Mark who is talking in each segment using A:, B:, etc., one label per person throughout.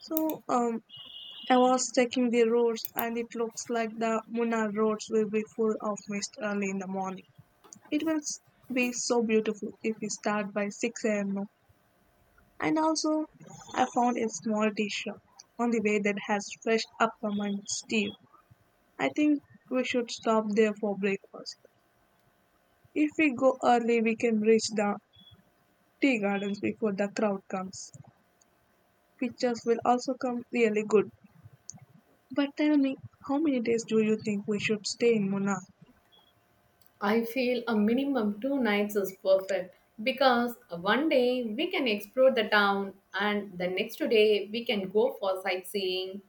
A: So um, I was checking the roads, and it looks like the Munnar roads will be full of mist early in the morning. It will s- be so beautiful if we start by 6 a.m. now. And also, I found a small tea shop on the way that has fresh uppermint tea. I think we should stop there for breakfast. If we go early, we can reach the tea gardens before the crowd comes. Pictures will also come really good. But tell me, how many days do you think we should stay in Munnar?
B: I feel a minimum two nights is perfect because one day we can explore the town and the next day we can go for sightseeing.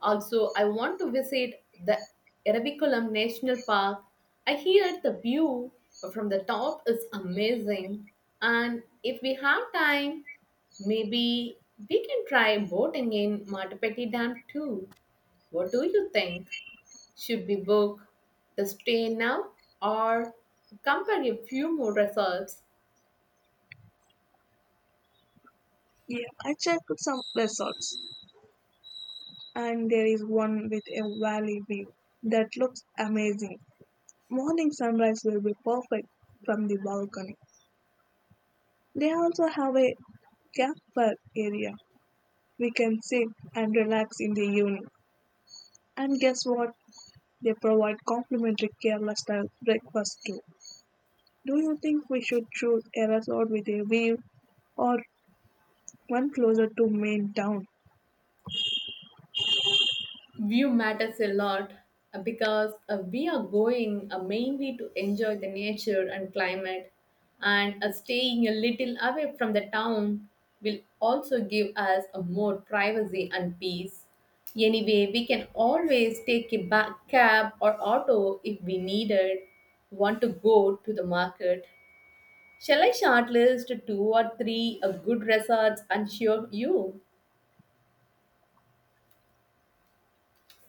B: Also, I want to visit the Eravikulam National Park. I hear the view from the top is amazing, and if we have time, maybe we can try boating in Matapeti Dam too. What do you think? Should we book the stay now or compare a few more resorts?
A: Yeah, I checked some resorts, and there is one with a valley view that looks amazing. Morning sunrise will be perfect from the balcony. They also have a campfire area. We can sit and relax in the evening. And guess what? They provide complimentary Kerala style breakfast too. Do you think we should choose a resort with a view or one closer to main town?
B: View matters a lot because we are going mainly to enjoy the nature and climate, and staying a little away from the town will also give us a more privacy and peace. Anyway, we can always take a back cab or auto if we needed, want to go to the market. Shall I shortlist two or three good resorts and show you?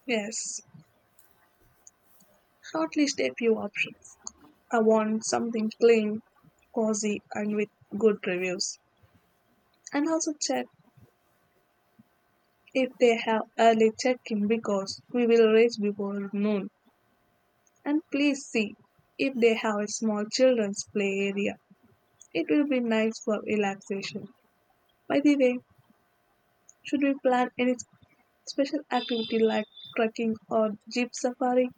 A: Yes, shortlist a few options. I want something clean, cozy, and with good reviews. And also check if they have early check-in because we will reach before noon. And please see if they have a small children's play area. It will be nice for relaxation. By the way, should we plan any special activity like trekking or jeep safari?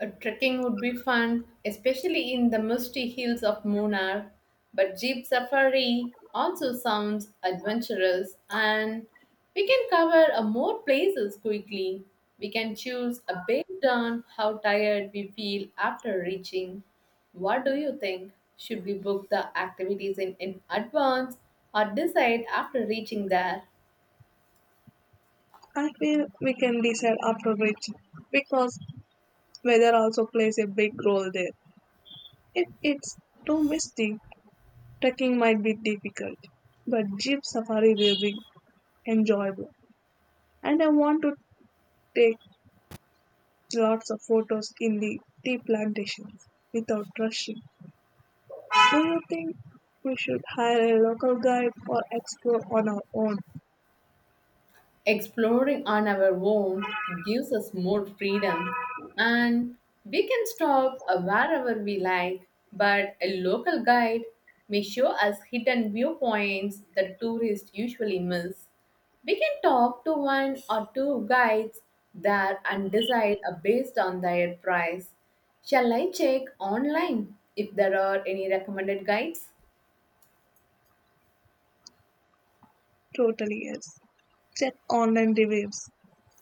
B: Trekking would be fun, especially in the misty hills of Munnar. But jeep safari also sounds adventurous, and we can cover a more places quickly. We can choose a based on how tired we feel after reaching. What do you think? Should we book the activities in advance or decide after reaching there?
A: I feel we can decide after reaching because weather also plays a big role there. If it's too misty, trekking might be difficult, but Jeep Safari will be enjoyable. And I want to take lots of photos in the tea plantations without rushing. Do you think we should hire a local guide or explore on our own?
B: Exploring on our own gives us more freedom and we can stop wherever we like, but a local guide may show us hidden viewpoints that tourists usually miss. We can talk to one or two guides there and decide based on their price. Shall I check online if there are any recommended guides?
A: Totally yes. Check online reviews.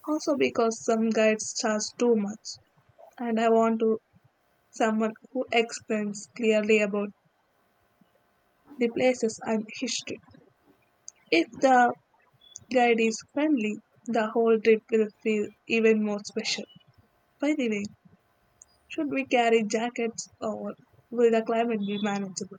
A: Also because some guides charge too much and I want to someone who explains clearly about the places and history. If the guide is friendly, the whole trip will feel even more special. By the way, should we carry jackets or will the climate be manageable?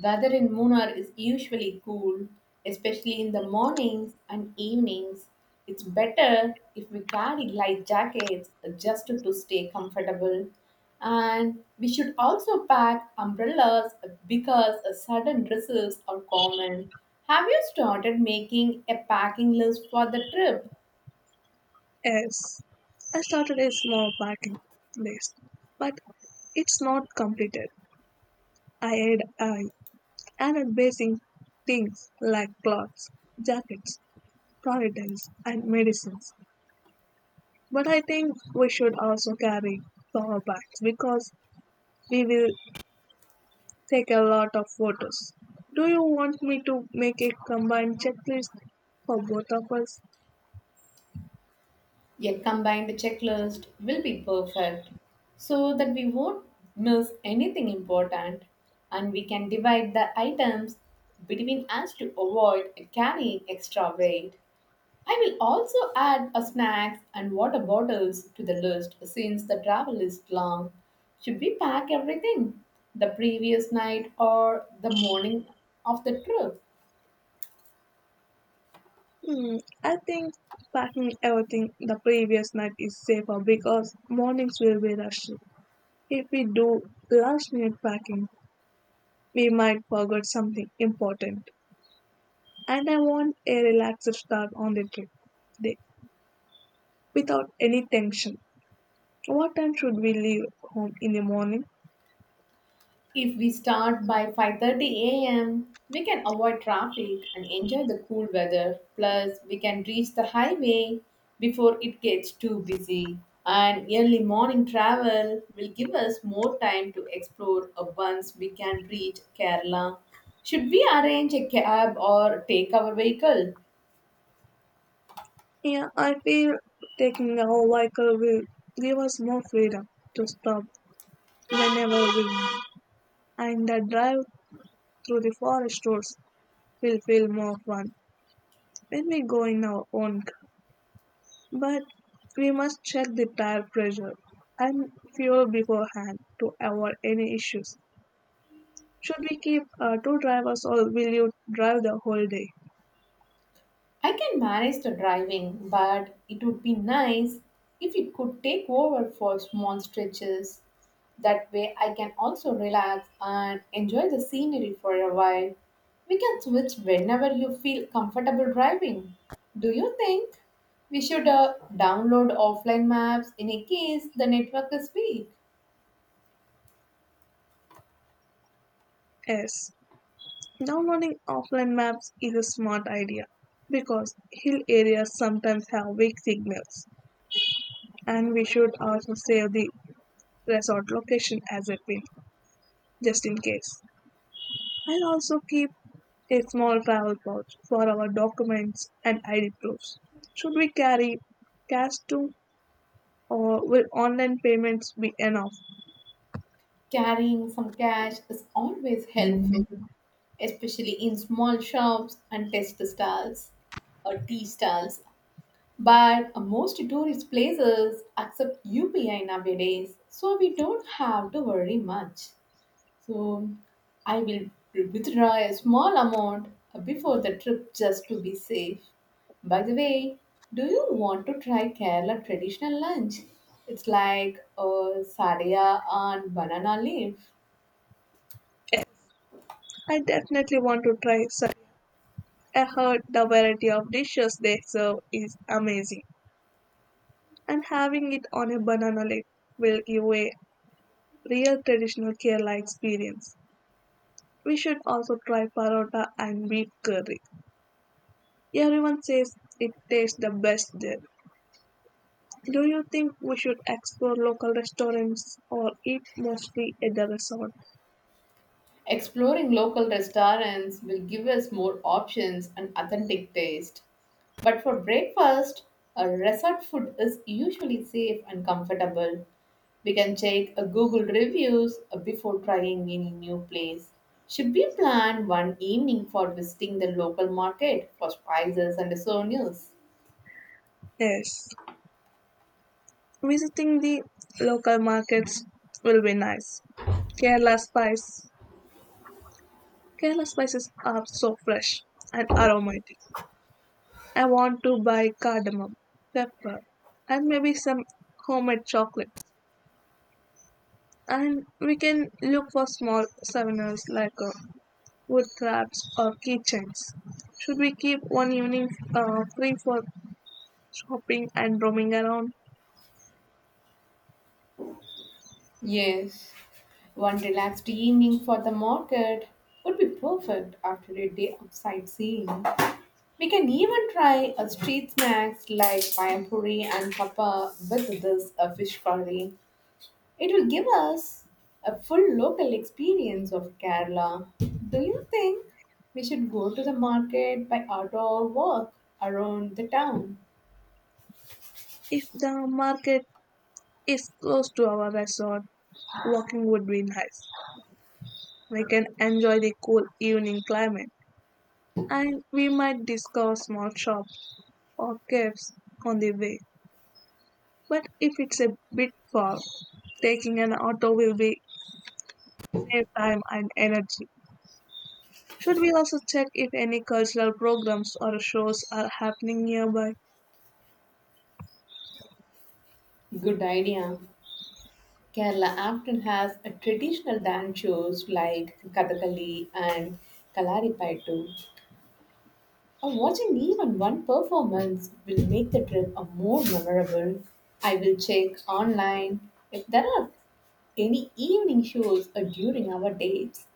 B: Weather in Munnar is usually cool, especially in the mornings and evenings. It's better if we carry light jackets just to stay comfortable. And we should also pack umbrellas because sudden drizzles are common. Have you started making a packing list for the trip?
A: Yes, I started a small packing list, but it's not completed. I added basic things like clothes, jackets, toiletries, and medicines. But I think we should also carry power banks because we will take a lot of photos. Do you want me to make a combined checklist for both of us?
B: A combined checklist will be perfect so that we won't miss anything important and we can divide the items between us to avoid carrying extra weight. I will also add a snacks and water bottles to the list since the travel is long. Should we pack everything the previous night or the morning of the trip?
A: Hmm, I think packing everything the previous night is safer because mornings will be rushed. If we do last minute packing, we might forget something important. And I want a relaxed start on the trip day without any tension. What time should we leave home in the morning?
B: If we start by 5:30 a.m., we can avoid traffic and enjoy the cool weather. Plus, we can reach the highway before it gets too busy. And early morning travel will give us more time to explore once we can reach Kerala. Should we arrange a cab or take our vehicle?
A: Yeah, I feel taking our vehicle will give us more freedom to stop whenever we want, and the drive through the forest roads will feel more fun when we go in our own car. But we must check the tire pressure and fuel beforehand to avoid any issues. Should we keep two drivers or will you drive the whole day?
B: I can manage the driving, but it would be nice if it could take over for small stretches. That way, I can also relax and enjoy the scenery for a while. We can switch whenever you feel comfortable driving. Do you think we should download offline maps in a case the network is weak?
A: Yes, downloading offline maps is a smart idea because hill areas sometimes have weak signals, and we should also save the resort location as a pin just in case. I'll also keep a small travel pouch for our documents and ID proofs. Should we carry cash too, or will online payments be enough?
B: Carrying some cash is always helpful, especially in small shops and test stalls or tea stalls. But most tourist places accept UPI nowadays, so we don't have to worry much. So I will withdraw a small amount before the trip just to be safe. By the way, do you want to try Kerala traditional lunch? It's like a sadhya and banana leaf.
A: I definitely want to try Sari. I heard the variety of dishes they serve is amazing, and having it on a banana leaf will give a real traditional Kerala experience. We should also try parota and beef curry. Everyone says it tastes the best there. Do you think we should explore local restaurants or eat mostly at the resort?
B: Exploring local restaurants will give us more options and authentic taste. But for breakfast, a resort food is usually safe and comfortable. We can check a Google reviews before trying any new place. Should we plan one evening for visiting the local market for spices and souvenirs?
A: Yes, visiting the local markets will be nice. Kerala spice. Kerala spices are so fresh and aromatic. I want to buy cardamom, pepper, and maybe some homemade chocolate. And we can look for small souvenirs like wood crafts or keychains. Should we keep one evening free for shopping and roaming around?
B: Yes. One relaxed evening for the market would be perfect after a day of sightseeing. We can even try a street snacks like payampuri and kappa with this fish curry. It will give us a full local experience of Kerala. Do you think we should go to the market by auto or walk around the town?
A: If the market is close to our resort, walking would be nice. We can enjoy the cool evening climate and we might discover small shops or caves on the way. But if it's a bit far, taking an auto will be save time and energy. Should we also check if any cultural programs or shows are happening nearby?
B: Good idea. Kerala often has a traditional dance shows like Kathakali and Kalaripayattu. Watching even one performance will make the trip a more memorable. I will check online if there are any evening shows or during our dates.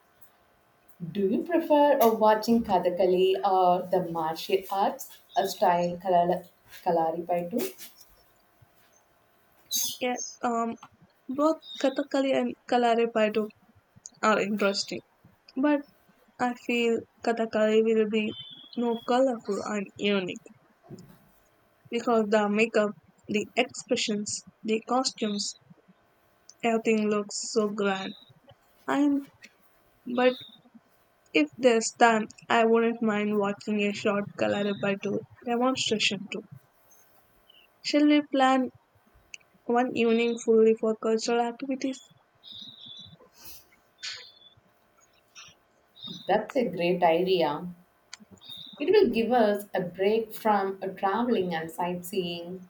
B: Do you prefer watching Kathakali or the martial arts a style Kalaripayattu?
A: Yes, um, Both Kathakali and Kalaripayattu are interesting, but I feel Kathakali will be more colorful and unique because the makeup, the expressions, the costumes, everything looks so grand. And but if there's time, I wouldn't mind watching a short Kalarippa tour demonstration too. Shall we plan one evening fully for cultural activities?
B: That's a great idea. It will give us a break from a traveling and sightseeing,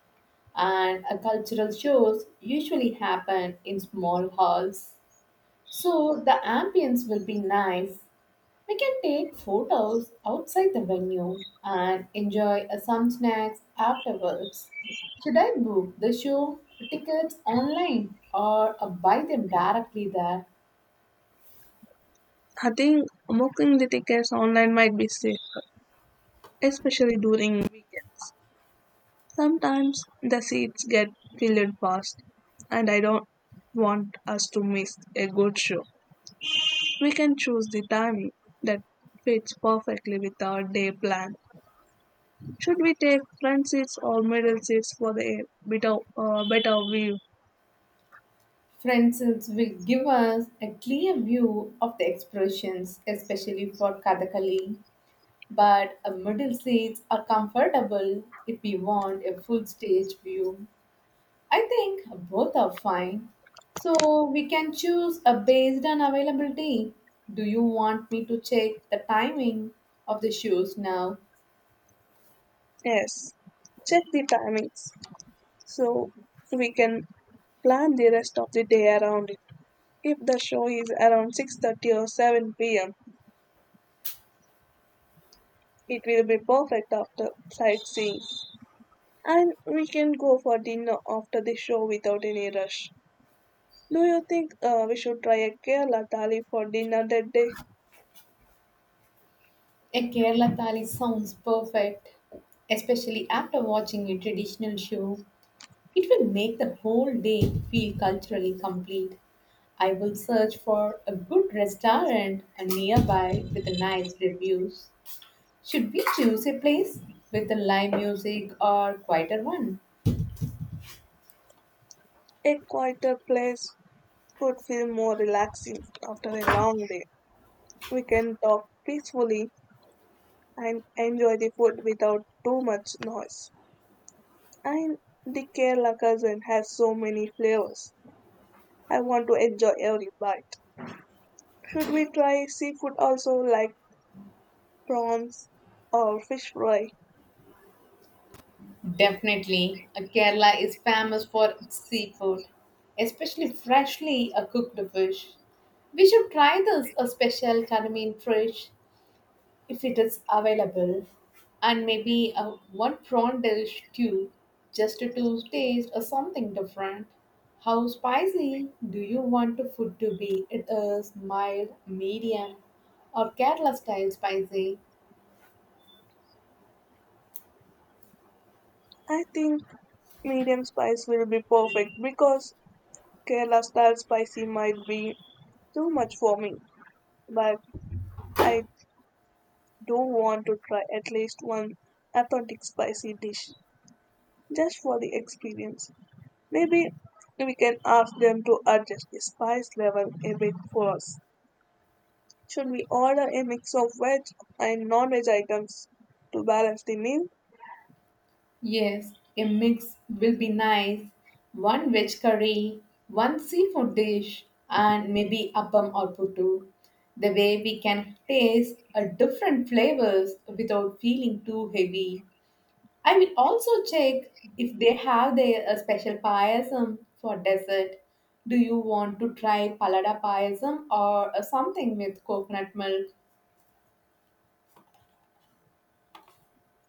B: and a cultural shows usually happen in small halls. So the ambience will be nice. We can take photos outside the venue and enjoy some snacks afterwards. Should I book the show tickets online or buy them directly there?
A: I think booking the tickets online might be safer, especially during weekends. Sometimes the seats get filled fast, and I don't want us to miss a good show. We can choose the timing that fits perfectly with our day plan. Should we take front seats or middle seats for the better view?
B: For instance, will give us a clear view of the expressions, especially for Kathakali. But middle seats are comfortable if we want a full stage view. I think both are fine. So we can choose a based on availability. Do you want me to check the timing of the shows now?
A: Yes. Check the timings so we can plan the rest of the day around it. If the show is around 6:30 or 7 p.m., it will be perfect after sightseeing and we can go for dinner after the show without any rush. Do you think we should try a Kerala thali for dinner that day?
B: A Kerala Thali sounds perfect, especially after watching a traditional show. It will make the whole day feel culturally complete. I will search for a good restaurant nearby with nice reviews. Should we choose a place with the live music or quieter one?
A: A quieter place would feel more relaxing after a long day. We can talk peacefully and enjoy the food without too much noise. And the Kerala cuisine has so many flavors. I want to enjoy every bite. Should we try seafood also like prawns or fish fry?
B: Definitely, Kerala is famous for its seafood, especially freshly cooked fish. We should try this a special Karamin fish if it is available, and maybe a one prawn dish too, just to taste or something different. How spicy do you want the food to be? It is mild, medium, or Kerala style spicy?
A: I think medium spice will be perfect because Kerala style spicy might be too much for me. But I do want to try at least one authentic spicy dish just for the experience. Maybe we can ask them to adjust the spice level a bit for us. Should we order a mix of veg and non-veg items to balance the meal?
B: Yes, a mix will be nice. One veg curry, one seafood dish, and maybe appam or puttu. The way we can taste a different flavors without feeling too heavy. I will also check if they have their a special payasam for dessert. Do you want to try palada payasam or something with coconut milk?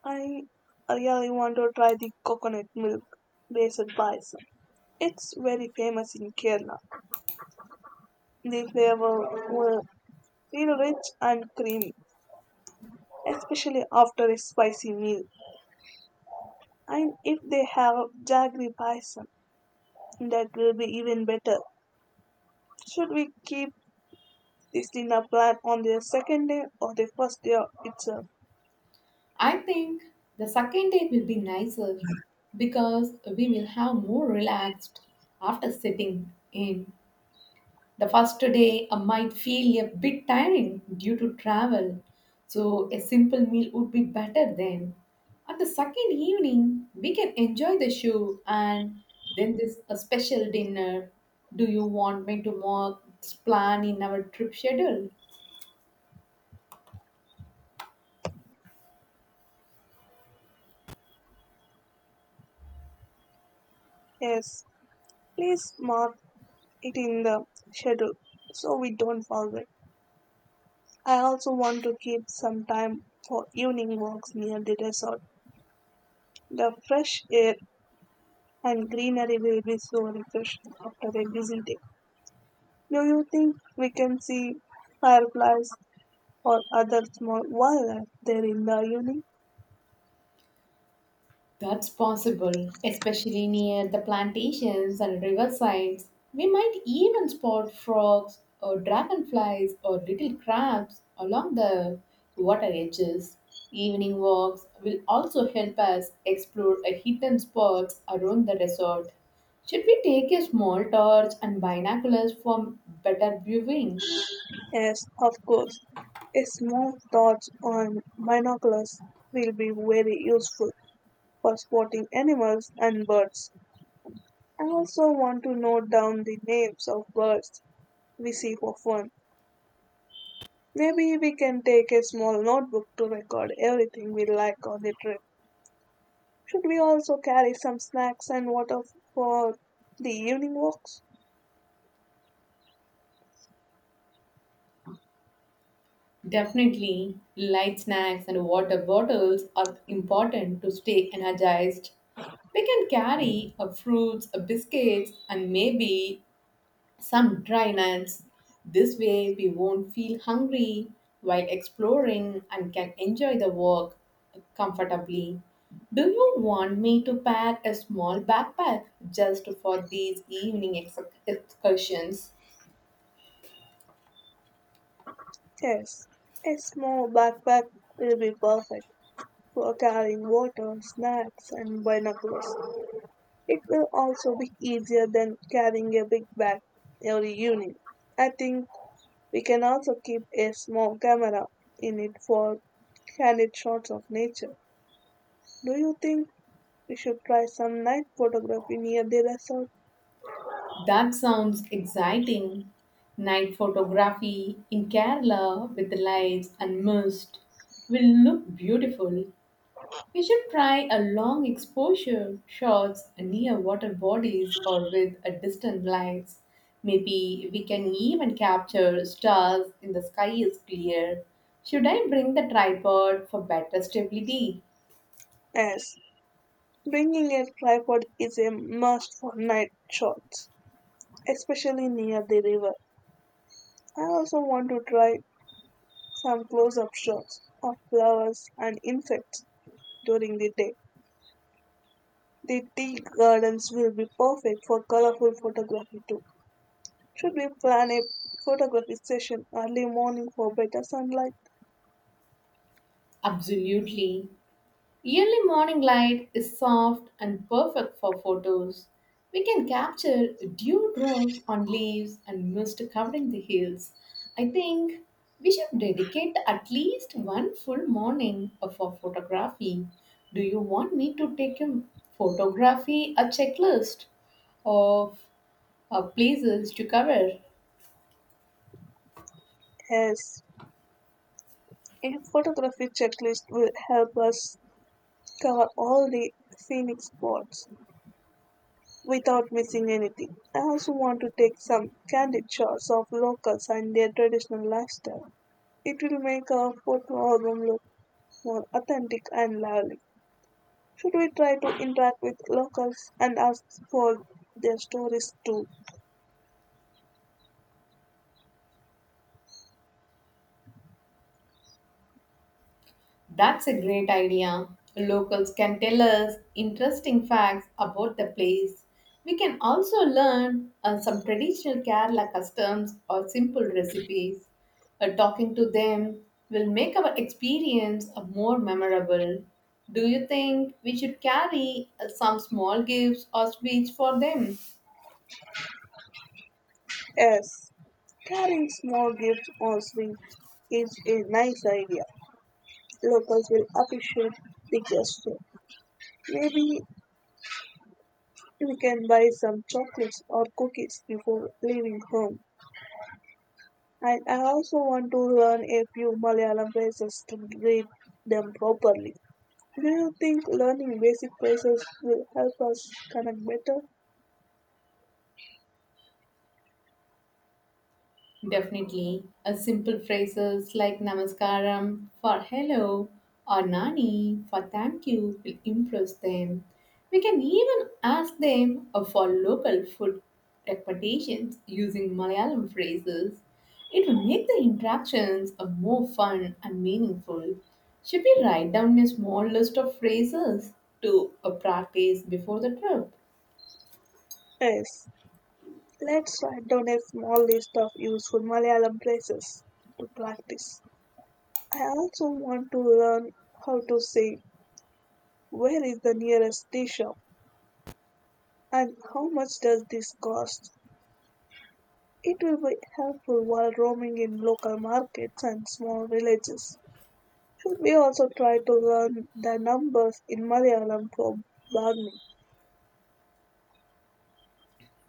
A: I really want to try the coconut milk based bison. It's very famous in Kerala. The flavor will feel rich and creamy, especially after a spicy meal. And if they have jaggery bison, that will be even better. Should we keep this did apply on the second day or the first day itself?
B: I think the second day will be nicer because we will have more relaxed after sitting in. The first day might feel a bit tiring due to travel, so a simple meal would be better then. At the second evening, we can enjoy the show and then this a special dinner. Do you want me to mark this plan in our trip schedule?
A: Yes, please mark it in the schedule so we don't forget. I also want to keep some time for evening walks near the resort. The fresh air and greenery will be so refreshing after a busy day. Do you think we can see fireflies or other small wildlife there in the evening?
B: That's possible, especially near the plantations and riversides. We might even spot frogs or dragonflies or little crabs along the water edges. Evening walks will also help us explore a hidden spots around the resort. Should we take a small torch and binoculars for better viewing?
A: Yes, of course. A small torch on binoculars will be very useful for spotting animals and birds. I also want to note down the names of birds we see for fun. Maybe we can take a small notebook to record everything we like on the trip. Should we also carry some snacks and water for the evening walks?
B: Definitely, light snacks and water bottles are important to stay energized. We can carry a fruits, a biscuits, and maybe some dry nuts. This way, we won't feel hungry while exploring and can enjoy the walk comfortably. Do you want me to pack a small backpack just for these evening excursions?
A: Yes, a small backpack will be perfect for carrying water, snacks, and binoculars. It will also be easier than carrying a big bag every evening. I think we can also keep a small camera in it for candid shots of nature. Do you think we should try some night photography near the resort?
B: That sounds exciting. Night photography in Kerala with the lights and mist will look beautiful. We should try a long exposure shots near water bodies or with a distant lights. Maybe we can even capture stars in the sky is clear. Should I bring the tripod for better stability?
A: As bringing a tripod is a must for night shots, especially near the river. I also want to try some close up shots of flowers and insects during the day. The tea gardens will be perfect for colorful photography too. Should we plan a photography session early morning for better sunlight?
B: Absolutely. Early morning light is soft and perfect for photos. We can capture dewdrops on leaves and mist covering the hills. I think we should dedicate at least one full morning for photography. Do you want me to take a photography a checklist of places to cover?
A: Yes. A photography checklist will help us cover all the scenic spots without missing anything. I also want to take some candid shots of locals and their traditional lifestyle. It will make our photo album look more authentic and lively. Should we try to interact with locals and ask for their stories too?
B: That's a great idea. Locals can tell us interesting facts about the place. We can also learn some traditional Kerala customs or simple recipes. Talking to them will make our experience more memorable. Do you think we should carry some small gifts or sweets for them?
A: Yes, carrying small gifts or sweets is a nice idea. Locals will appreciate the gesture. Maybe we can buy some chocolates or cookies before leaving home. And I also want to learn a few Malayalam phrases to read them properly. Do you think learning basic phrases will help us connect better?
B: Definitely. A simple phrases like namaskaram for hello or nani for thank you will impress them. We can even ask them for local food recommendations using Malayalam phrases. It will make the interactions a more fun and meaningful. Should we write down a small list of phrases to practice before the trip?
A: Yes, let's write down a small list of useful Malayalam places to practice. I also want to learn how to say where is the nearest tea shop and how much does this cost. It will be helpful while roaming in local markets and small villages. Should we also try to learn the numbers in Malayalam for bargaining?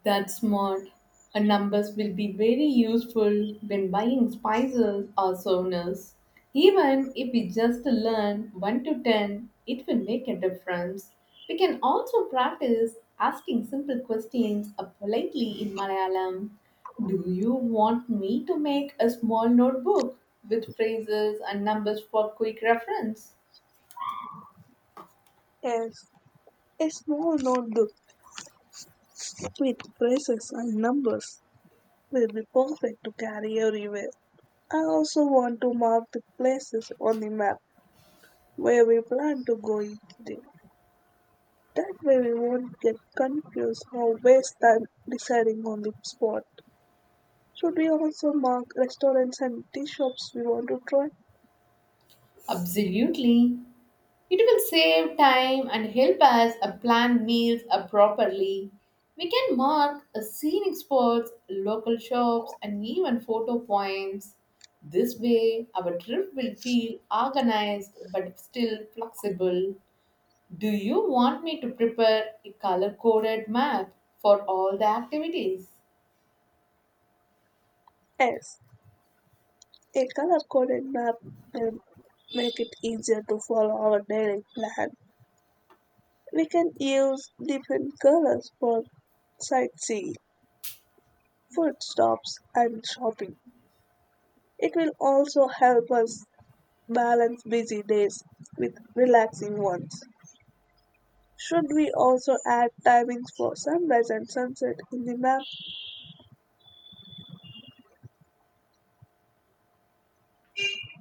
B: That's smart. And numbers will be very useful when buying spices or saunas. Even if we just learn 1 to 10, it will make a difference. We can also practice asking simple questions politely in Malayalam. Do you want me to make a small notebook with phrases and numbers for quick reference?
A: Yes, a small notebook with phrases and numbers will be perfect to carry everywhere. I also want to mark the places on the map where we plan to go each day. That way we won't get confused or waste time deciding on the spot. Should we also mark restaurants and tea shops we want to try?
B: Absolutely. It will save time and help us plan meals properly. We can mark scenic spots, local shops, and even photo points. This way, our trip will feel organized but still flexible. Do you want me to prepare a color coded map for all the activities?
A: Yes, a color-coded map will make it easier to follow our daily plan. We can use different colors for sightseeing, food stops, and shopping. It will also help us balance busy days with relaxing ones. Should we also add timings for sunrise and sunset in the map?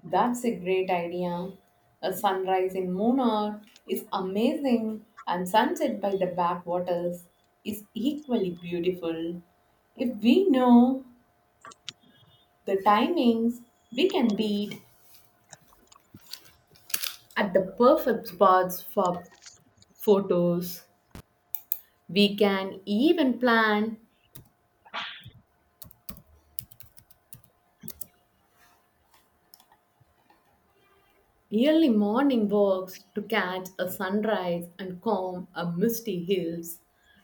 B: That's a great idea. A sunrise in Munnar is amazing, and sunset by the backwaters is equally beautiful. If we know the timings, we can beat at the perfect spots for photos. We can even plan early morning walks to catch a sunrise and comb a misty hills.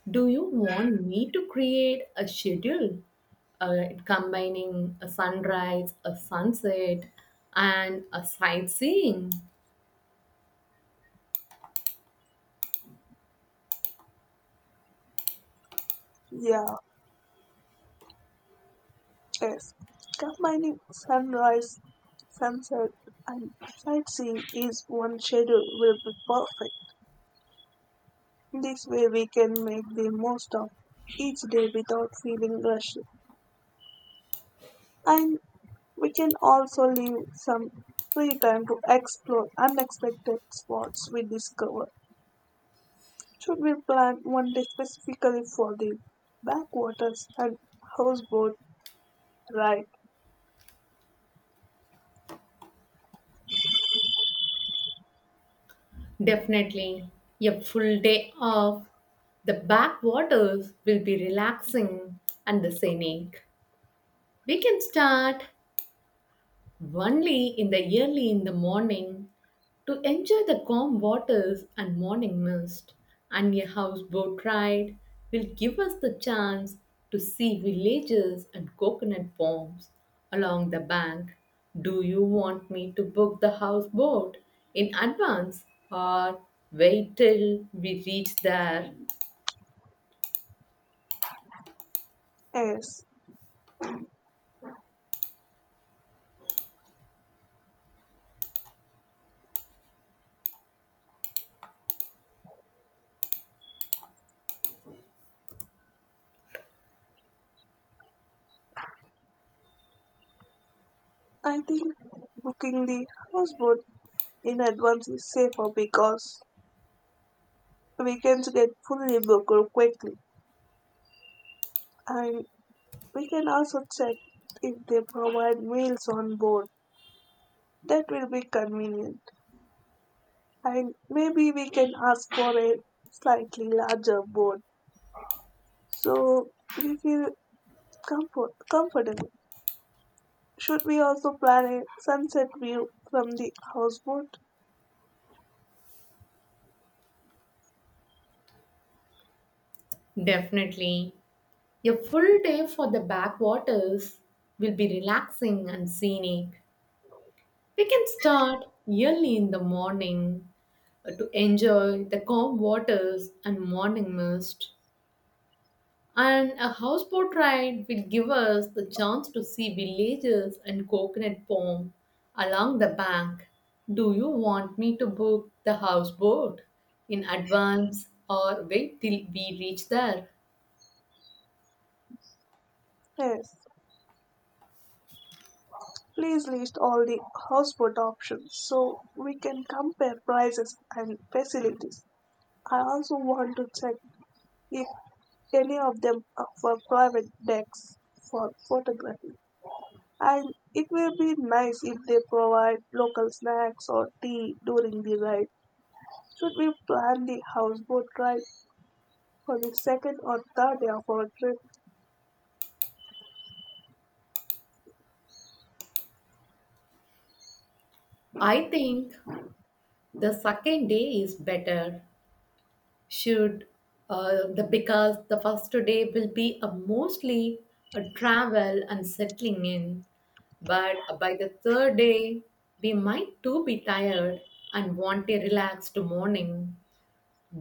B: Do you want me to create a schedule combining a sunrise, a sunset, and a sightseeing?
A: Yeah, yes. Combining sunrise, sunset, and sightseeing is one schedule will be perfect. This way we can make the most of each day without feeling rushed. And we can also leave some free time to explore unexpected spots we discover. Should we plan one day specifically for the backwaters and houseboat ride?
B: Definitely, a full day off. The backwaters will be relaxing and the scenic. We can start only in the early in the morning to enjoy the calm waters and morning mist, and a houseboat ride will give us the chance to see villages and coconut palms along the bank. Do you want me to book the houseboat in advance or wait till we reach there?
A: Yes, I think booking the houseboat in advance is safer because weekends get fully booked quickly, and we can also check if they provide meals on board. That will be convenient, and maybe we can ask for a slightly larger boat so we feel comfortable. Should we also plan a sunset view from the houseboat?
B: Definitely. A full day for the backwaters will be relaxing and scenic. We can start early in the morning to enjoy the calm waters and morning mist. And a houseboat ride will give us the chance to see villages and coconut palm along the bank. Do you want me to book the houseboat in advance or wait till we reach there?
A: Yes. Please list all the houseboat options so we can compare prices and facilities. I also want to check if any of them are for private decks for photography. And it will be nice if they provide local snacks or tea during the ride. Should we plan the houseboat ride for the second or third day of our trip?
B: I think the second day is better should the because the first day will be a mostly a travel and settling in, but by the third day we might too be tired and want a relaxed morning.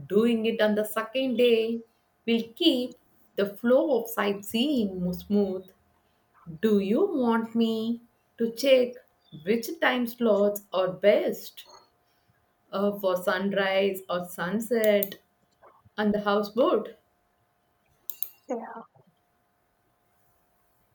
B: Doing it on the second day will keep the flow of sightseeing more smooth. Do you want me to check which time slots are best for sunrise or sunset on the houseboat?
A: A